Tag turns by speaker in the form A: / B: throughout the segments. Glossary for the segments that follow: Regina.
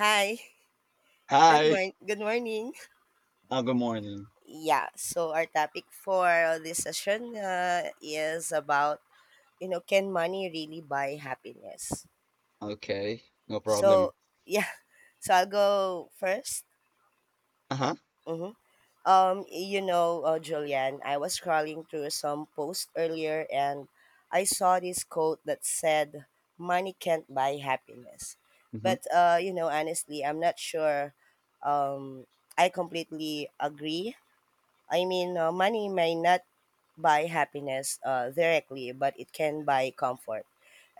A: Hi. Good
B: Hi.
A: morning. Good morning.
B: Good morning.
A: Yeah. So our topic for this session is about can money really buy happiness?
B: Okay, no problem.
A: So yeah. So I'll go first.
B: Uh-huh.
A: Mm-hmm. Julian, I was scrolling through some posts earlier and I saw this quote that said, "Money can't buy happiness."
B: Mm-hmm.
A: But you know, honestly, I'm not sure. Um, I completely agree, I mean, money may not buy happiness directly, but it can buy comfort.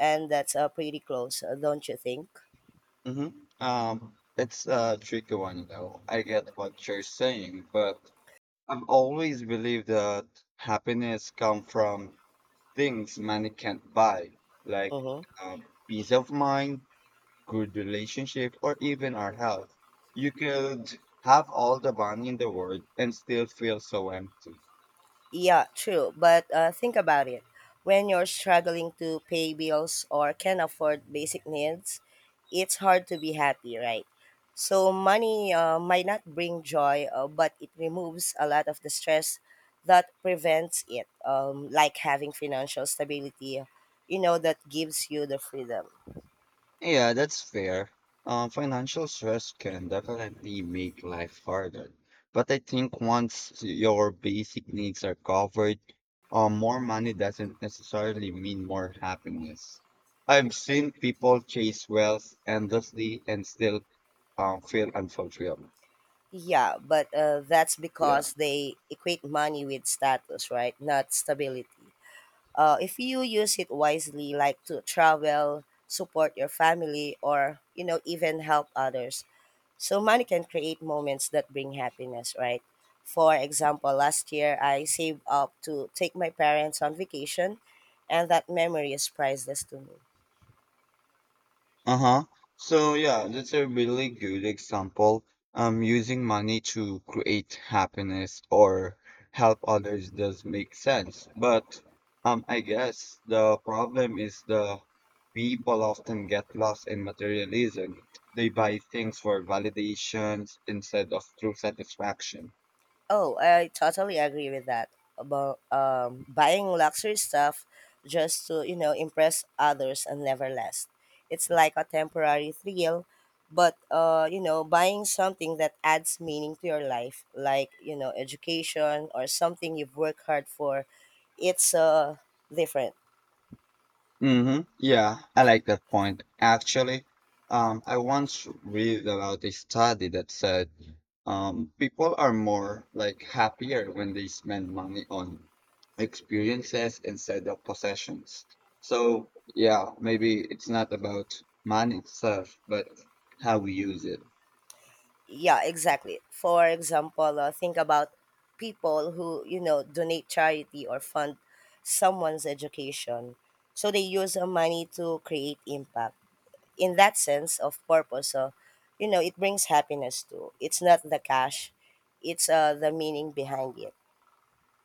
A: And that's pretty close, don't you think?
B: Mm-hmm. It's a tricky one though. I get what you're saying, but I've always believed that happiness comes from things money can't buy, like
A: Mm-hmm.
B: peace of mind, good relationship, or even our health. You could have all the money in the world and still feel so empty.
A: Yeah, true. But think about it. When you're struggling to pay bills or can't afford basic needs, it's hard to be happy, right? So, money might not bring joy, but it removes a lot of the stress that prevents it, like having financial stability, you know, that gives you the freedom.
B: Yeah, that's fair. Financial stress can definitely make life harder. But I think once your basic needs are covered, more money doesn't necessarily mean more happiness. I've seen people chase wealth endlessly and still feel unfulfilled.
A: Yeah, but that's
B: Yeah.
A: because they equate money with status, right? Not stability. If you use it wisely, like to travel, support your family, or you know, even help others, so money can create moments that bring happiness, right? For example, last year I saved up to take my parents on vacation, and that memory is priceless to me.
B: Uh-huh. So yeah, that's a really good example. Using money to create happiness or help others does make sense. But I guess the problem is the people often get lost in materialism. They buy things for validations instead of true satisfaction.
A: Oh, I totally agree with that. About buying luxury stuff just to you know impress others and never last. It's like a temporary thrill, but you know, buying something that adds meaning to your life, like you know, education or something you've worked hard for, it's different.
B: Mm-hmm. Yeah, I like that point. Actually, I once read about a study that said people are more like happier when they spend money on experiences instead of possessions. So yeah, maybe it's not about money itself, but how we use it.
A: Yeah, exactly, for example think about people who you know donate charity or fund someone's education, so they use money to create impact in that sense of purpose, you know, it brings happiness too, it's not the cash, it's the meaning behind it.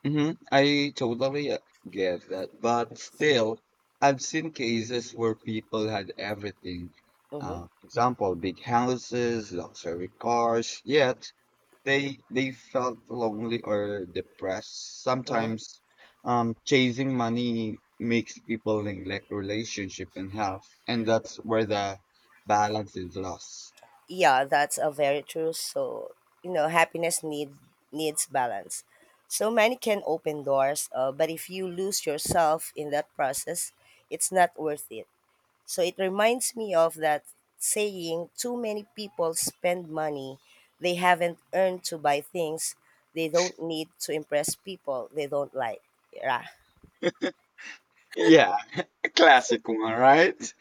B: I totally get that, but still, I've seen cases where people had everything.
A: Mm-hmm.
B: Example, big houses, luxury cars, yet they felt lonely or depressed.
A: Mm-hmm.
B: Sometimes, chasing money makes people neglect relationship and health, and that's where the balance is lost.
A: Yeah, that's a very true. So you know happiness needs balance, so money can open doors but if you lose yourself in that process, it's not worth it. So it reminds me of that saying, too many people spend money they haven't earned to buy things they don't need to impress people they don't like. Yeah.
B: Yeah, classic one, right?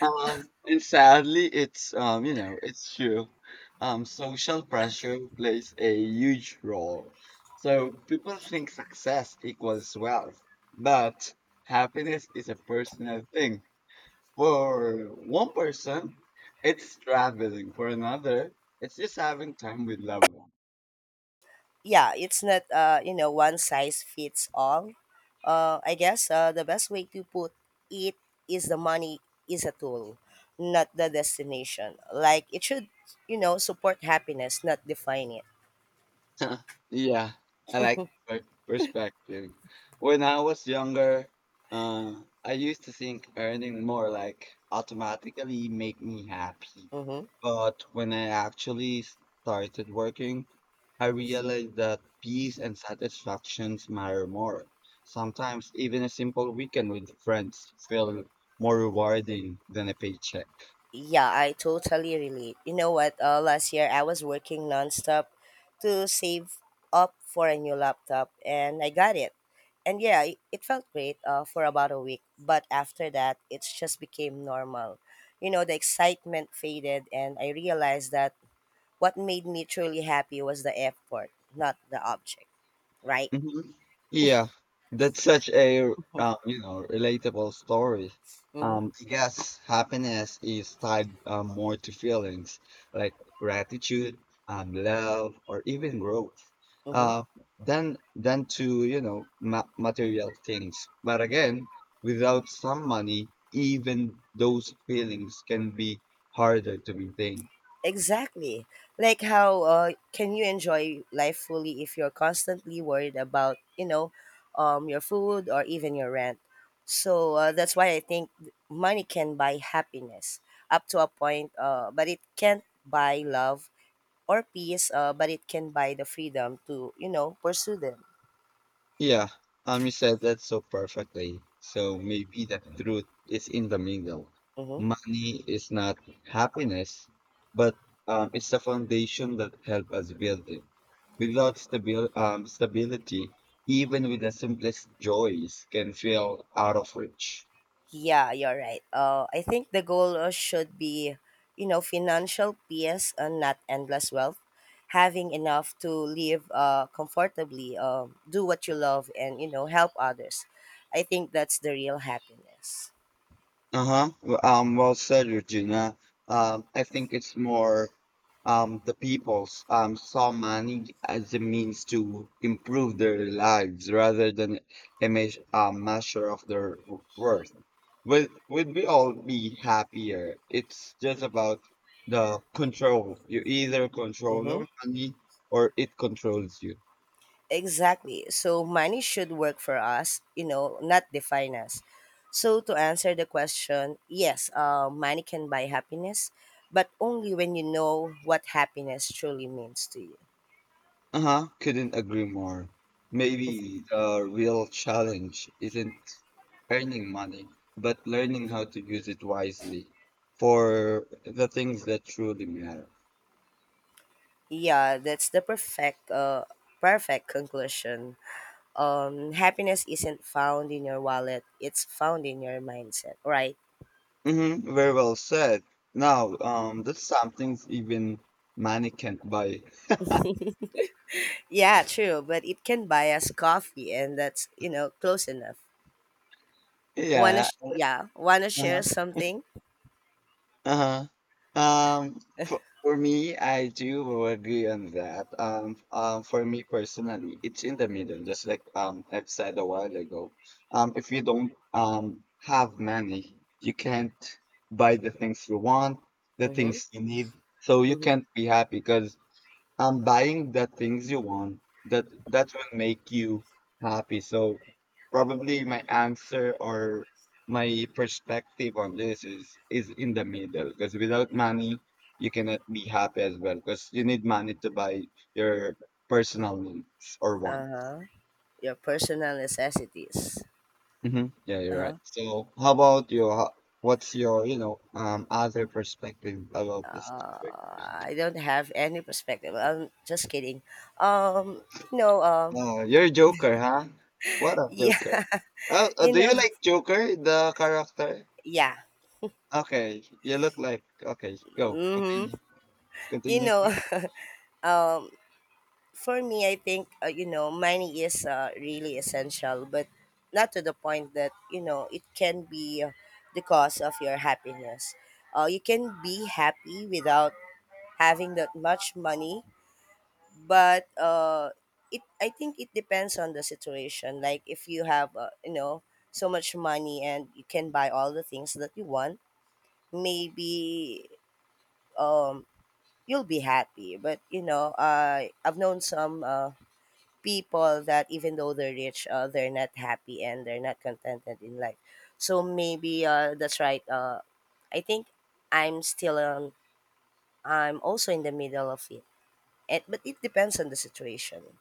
B: And sadly, it's it's true. Social pressure plays a huge role. So people think success equals wealth, but happiness is a personal thing. For one person, it's traveling. For another, it's just having time with loved ones.
A: Yeah, it's not you know one size fits all. I guess the best way to put it is the money is a tool, not the destination. Like it should you know support happiness, not define it.
B: Yeah, I like perspective. When I was younger, I used to think earning more like automatically make me happy.
A: Mm-hmm.
B: But when I actually started working, I realized that peace and satisfactions matter more. Sometimes even a simple weekend with friends feel more rewarding than a paycheck.
A: Yeah, I totally relate. You know what? Last year I was working nonstop to save up for a new laptop, and I got it. And yeah, it felt great for about a week, but after that, it just became normal. You know, the excitement faded, and I realized that what made me truly happy was the effort, not the object, right?
B: Mhm. Yeah, that's such a relatable story.
A: Mm-hmm.
B: I guess happiness is tied more to feelings like gratitude, love, or even growth,
A: Mm-hmm.
B: uh, than to you know ma material things. But again, without some money, even those feelings can be harder to maintain.
A: Exactly. Like how can you enjoy life fully if you're constantly worried about, you know, your food or even your rent? So that's why I think money can buy happiness up to a point, but it can't buy love or peace, but it can buy the freedom to, you know, pursue them.
B: Yeah, you said that so perfectly. So maybe the truth is in the middle.
A: Hmm.
B: Money is not happiness, but it's the foundation that helps us build it. Without stability, even with the simplest joys can feel out of reach.
A: Yeah, you're right. I think the goal should be, you know, financial peace and not endless wealth. Having enough to live comfortably, do what you love, and, you know, help others. I think that's the real happiness.
B: Uh-huh. Well, well said, Regina. I think it's more the people's saw money as a means to improve their lives rather than a measure of their worth. Would we all be happier? It's just about the control. You either control
A: Mm-hmm.
B: your money or it controls you.
A: Exactly. So money should work for us, you know, not define us. So to answer the question, yes, money can buy happiness, but only when you know what happiness truly means to you.
B: Uh-huh, couldn't agree more. Maybe the real challenge isn't earning money, but learning how to use it wisely for the things that truly matter.
A: Yeah, that's the perfect perfect conclusion. Um, happiness isn't found in your wallet, it's found in your mindset, right?
B: Mm-hmm, very well said. Now, that's something even money can't buy.
A: Yeah, true, but it can buy us coffee and that's, you know, close enough.
B: Yeah.
A: Yeah, wanna share
B: Uh-huh.
A: something?
B: Uh-huh. For me, I do agree on that. For me personally, it's in the middle, just like I've said a while ago. If you don't have money, you can't buy the things you want, the
A: Mhm.
B: things you need, so you
A: Mhm.
B: can't be happy because I'm buying the things you want that will make you happy. So probably my answer or my perspective on this is in the middle because without money you cannot be happy as well because you need money to buy your personal needs or wants.
A: Uh-huh. Your personal necessities.
B: Yeah, you're right.
A: Uh-huh.
B: So how about your what's your other perspective about this topic?
A: I don't have any perspective. I'm just kidding. Um, you know, um
B: You're a joker, huh? What a joker.
A: yeah.
B: Oh,
A: You
B: do you
A: know,
B: like Joker, the character?
A: yeah.
B: Okay, you look like. Okay, go.
A: Mhm.
B: Continue.
A: You
B: Continue.
A: know, um, for me, I think you know money is really essential, but not to the point that you know it can be the cause of your happiness. You can be happy without having that much money, but it I think it depends on the situation. Like if you have you know so much money and you can buy all the things that you want, maybe um you'll be happy. But you know, I've known some. People that even though they're rich, they're not happy and they're not contented in life. So maybe that's right. I think I'm still I'm also in the middle of it, and, but it depends on the situation.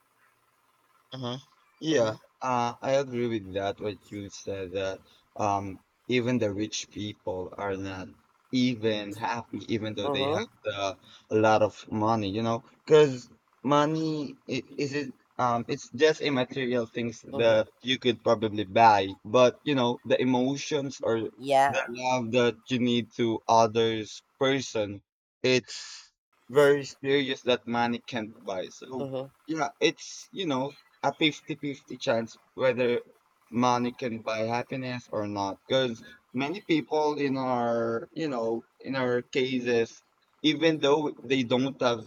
B: Uh huh. Yeah,
A: Mm-hmm.
B: I agree with that. What you said that um, even the rich people are not even happy, even though they have
A: Mm-hmm.
B: the, a lot of money. You know, because money is it. It's just immaterial things
A: Mm-hmm.
B: that you could probably buy, but you know the emotions or the
A: Yeah.
B: love that you need to others person. It's very serious that money can't buy. So
A: Mm-hmm.
B: yeah, it's a 50-50 chance whether money can buy happiness or not because many people in our in our cases even though they don't have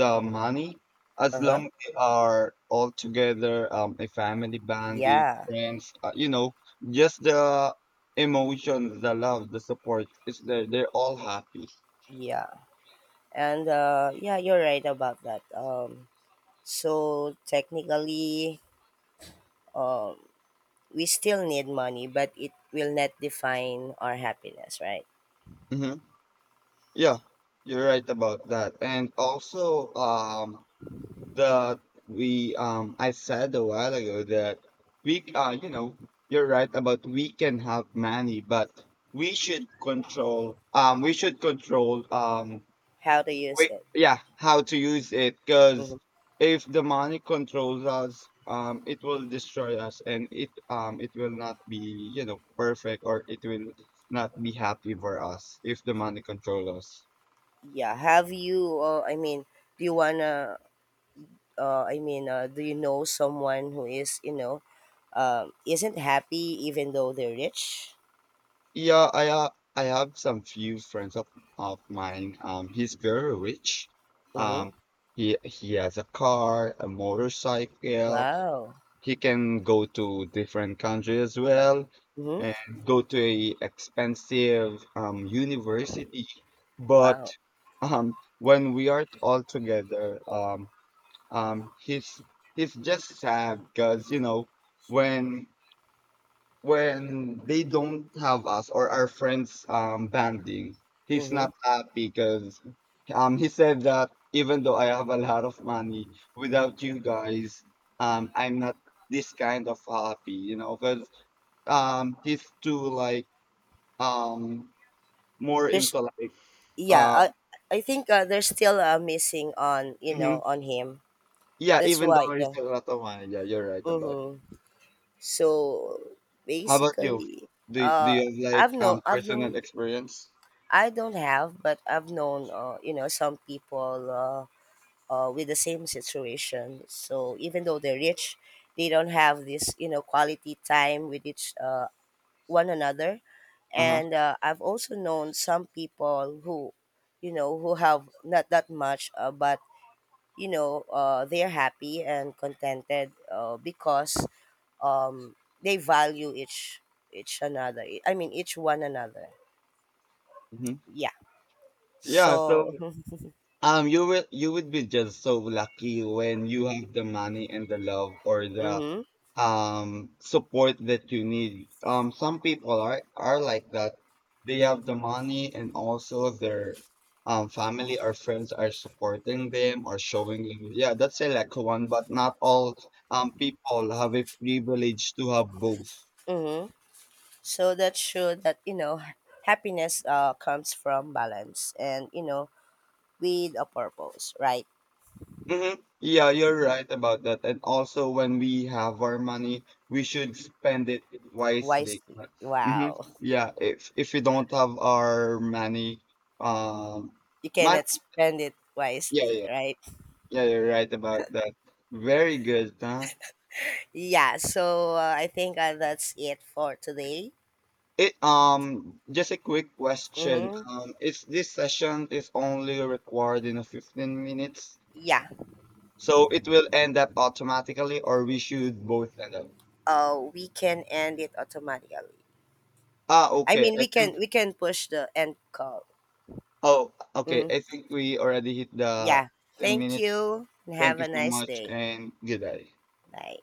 B: the money as
A: Uh-huh.
B: long they are all together, a family bonding
A: Yeah.
B: friends, just the emotions, the love, the support is there, they're all happy.
A: Yeah. And yeah, you're right about that. So technically, um, we still need money, but it will not define our happiness, right?
B: hmm yeah, you're right about that. And also, that we I said a while ago that we you know you're right about we can have money but we should control,
A: How to use it.
B: yeah, how to use it because
A: Mhm.
B: if the money controls us, it will destroy us and it will not be, perfect, or it will not be happy for us if the money controls us.
A: Yeah. Have you? I mean, do you wanna? I mean, do you know someone who is you know isn't happy even though they're rich?
B: Yeah, I have some few friends of mine. He's very rich.
A: Mm-hmm.
B: Um, he has a car, a motorcycle.
A: Wow.
B: He can go to different countries as well,
A: Mm-hmm.
B: and go to a expensive university. But
A: Wow.
B: when we are all together, um, he's he's just sad because you know when when they don't have us or our friends banding, he's
A: Mm-hmm.
B: not happy because he said that even though I have a lot of money, without you guys, I'm not this kind of happy, you know, because he's too like um more
A: There's
B: into like
A: Yeah.
B: um
A: I think there's still missing on you
B: mhm.
A: know on him.
B: Yeah,
A: That's
B: even
A: why,
B: though he's
A: yeah.
B: a lot of money, yeah, you're right about.
A: Mm-hmm. So
B: How about you?
A: basically,
B: Do
A: uh,
B: you have like
A: I've
B: personal
A: known
B: experience?
A: I don't have, but I've known you know some people. With the same situation. So even though they're rich, they don't have this you know quality time with each one another.
B: Uh huh.
A: And I've also known some people who, you know, who have not that much, but you know, they're happy and contented because um, they value each another. I mean, each one another.
B: hmm
A: Yeah.
B: Yeah, so
A: So.
B: You will you would be just so lucky when you have the money and the love or the
A: Mhm.
B: support that you need. Some people are like that. They have the money and also their family or friends are supporting them or showing you. Yeah, that's a lucky one, but not all people have a privilege to have both.
A: Mhm. So that showed that, you know, happiness comes from balance and, you know, with a purpose, right?
B: Mm-hmm. Yeah, you're
A: Hmm.
B: right about that. And also, when we have our money, we should spend it wisely.
A: Wisely.
B: Mm-hmm.
A: Wow.
B: Yeah, if we don't have our money, um,
A: You
B: money.
A: cannot spend it
B: Yeah,
A: wisely,
B: yeah,
A: right?
B: yeah. You're right about that. Very good, huh?
A: Yeah. So I think that's it for today.
B: It Just a quick question.
A: Mm-hmm.
B: Is this session is only required in a 15 minutes,
A: Yeah.
B: so it will end up automatically, or we should both end up?
A: We can end it automatically.
B: Ah,
A: I
B: okay.
A: mean,
B: I
A: we can
B: think.
A: we can push the end call.
B: Oh, okay.
A: Mm-hmm.
B: I think we already hit the
A: Yeah.
B: 10
A: Thank
B: minutes.
A: you and
B: Thank
A: have
B: you
A: a
B: so
A: nice
B: much
A: day.
B: and good day.
A: Bye.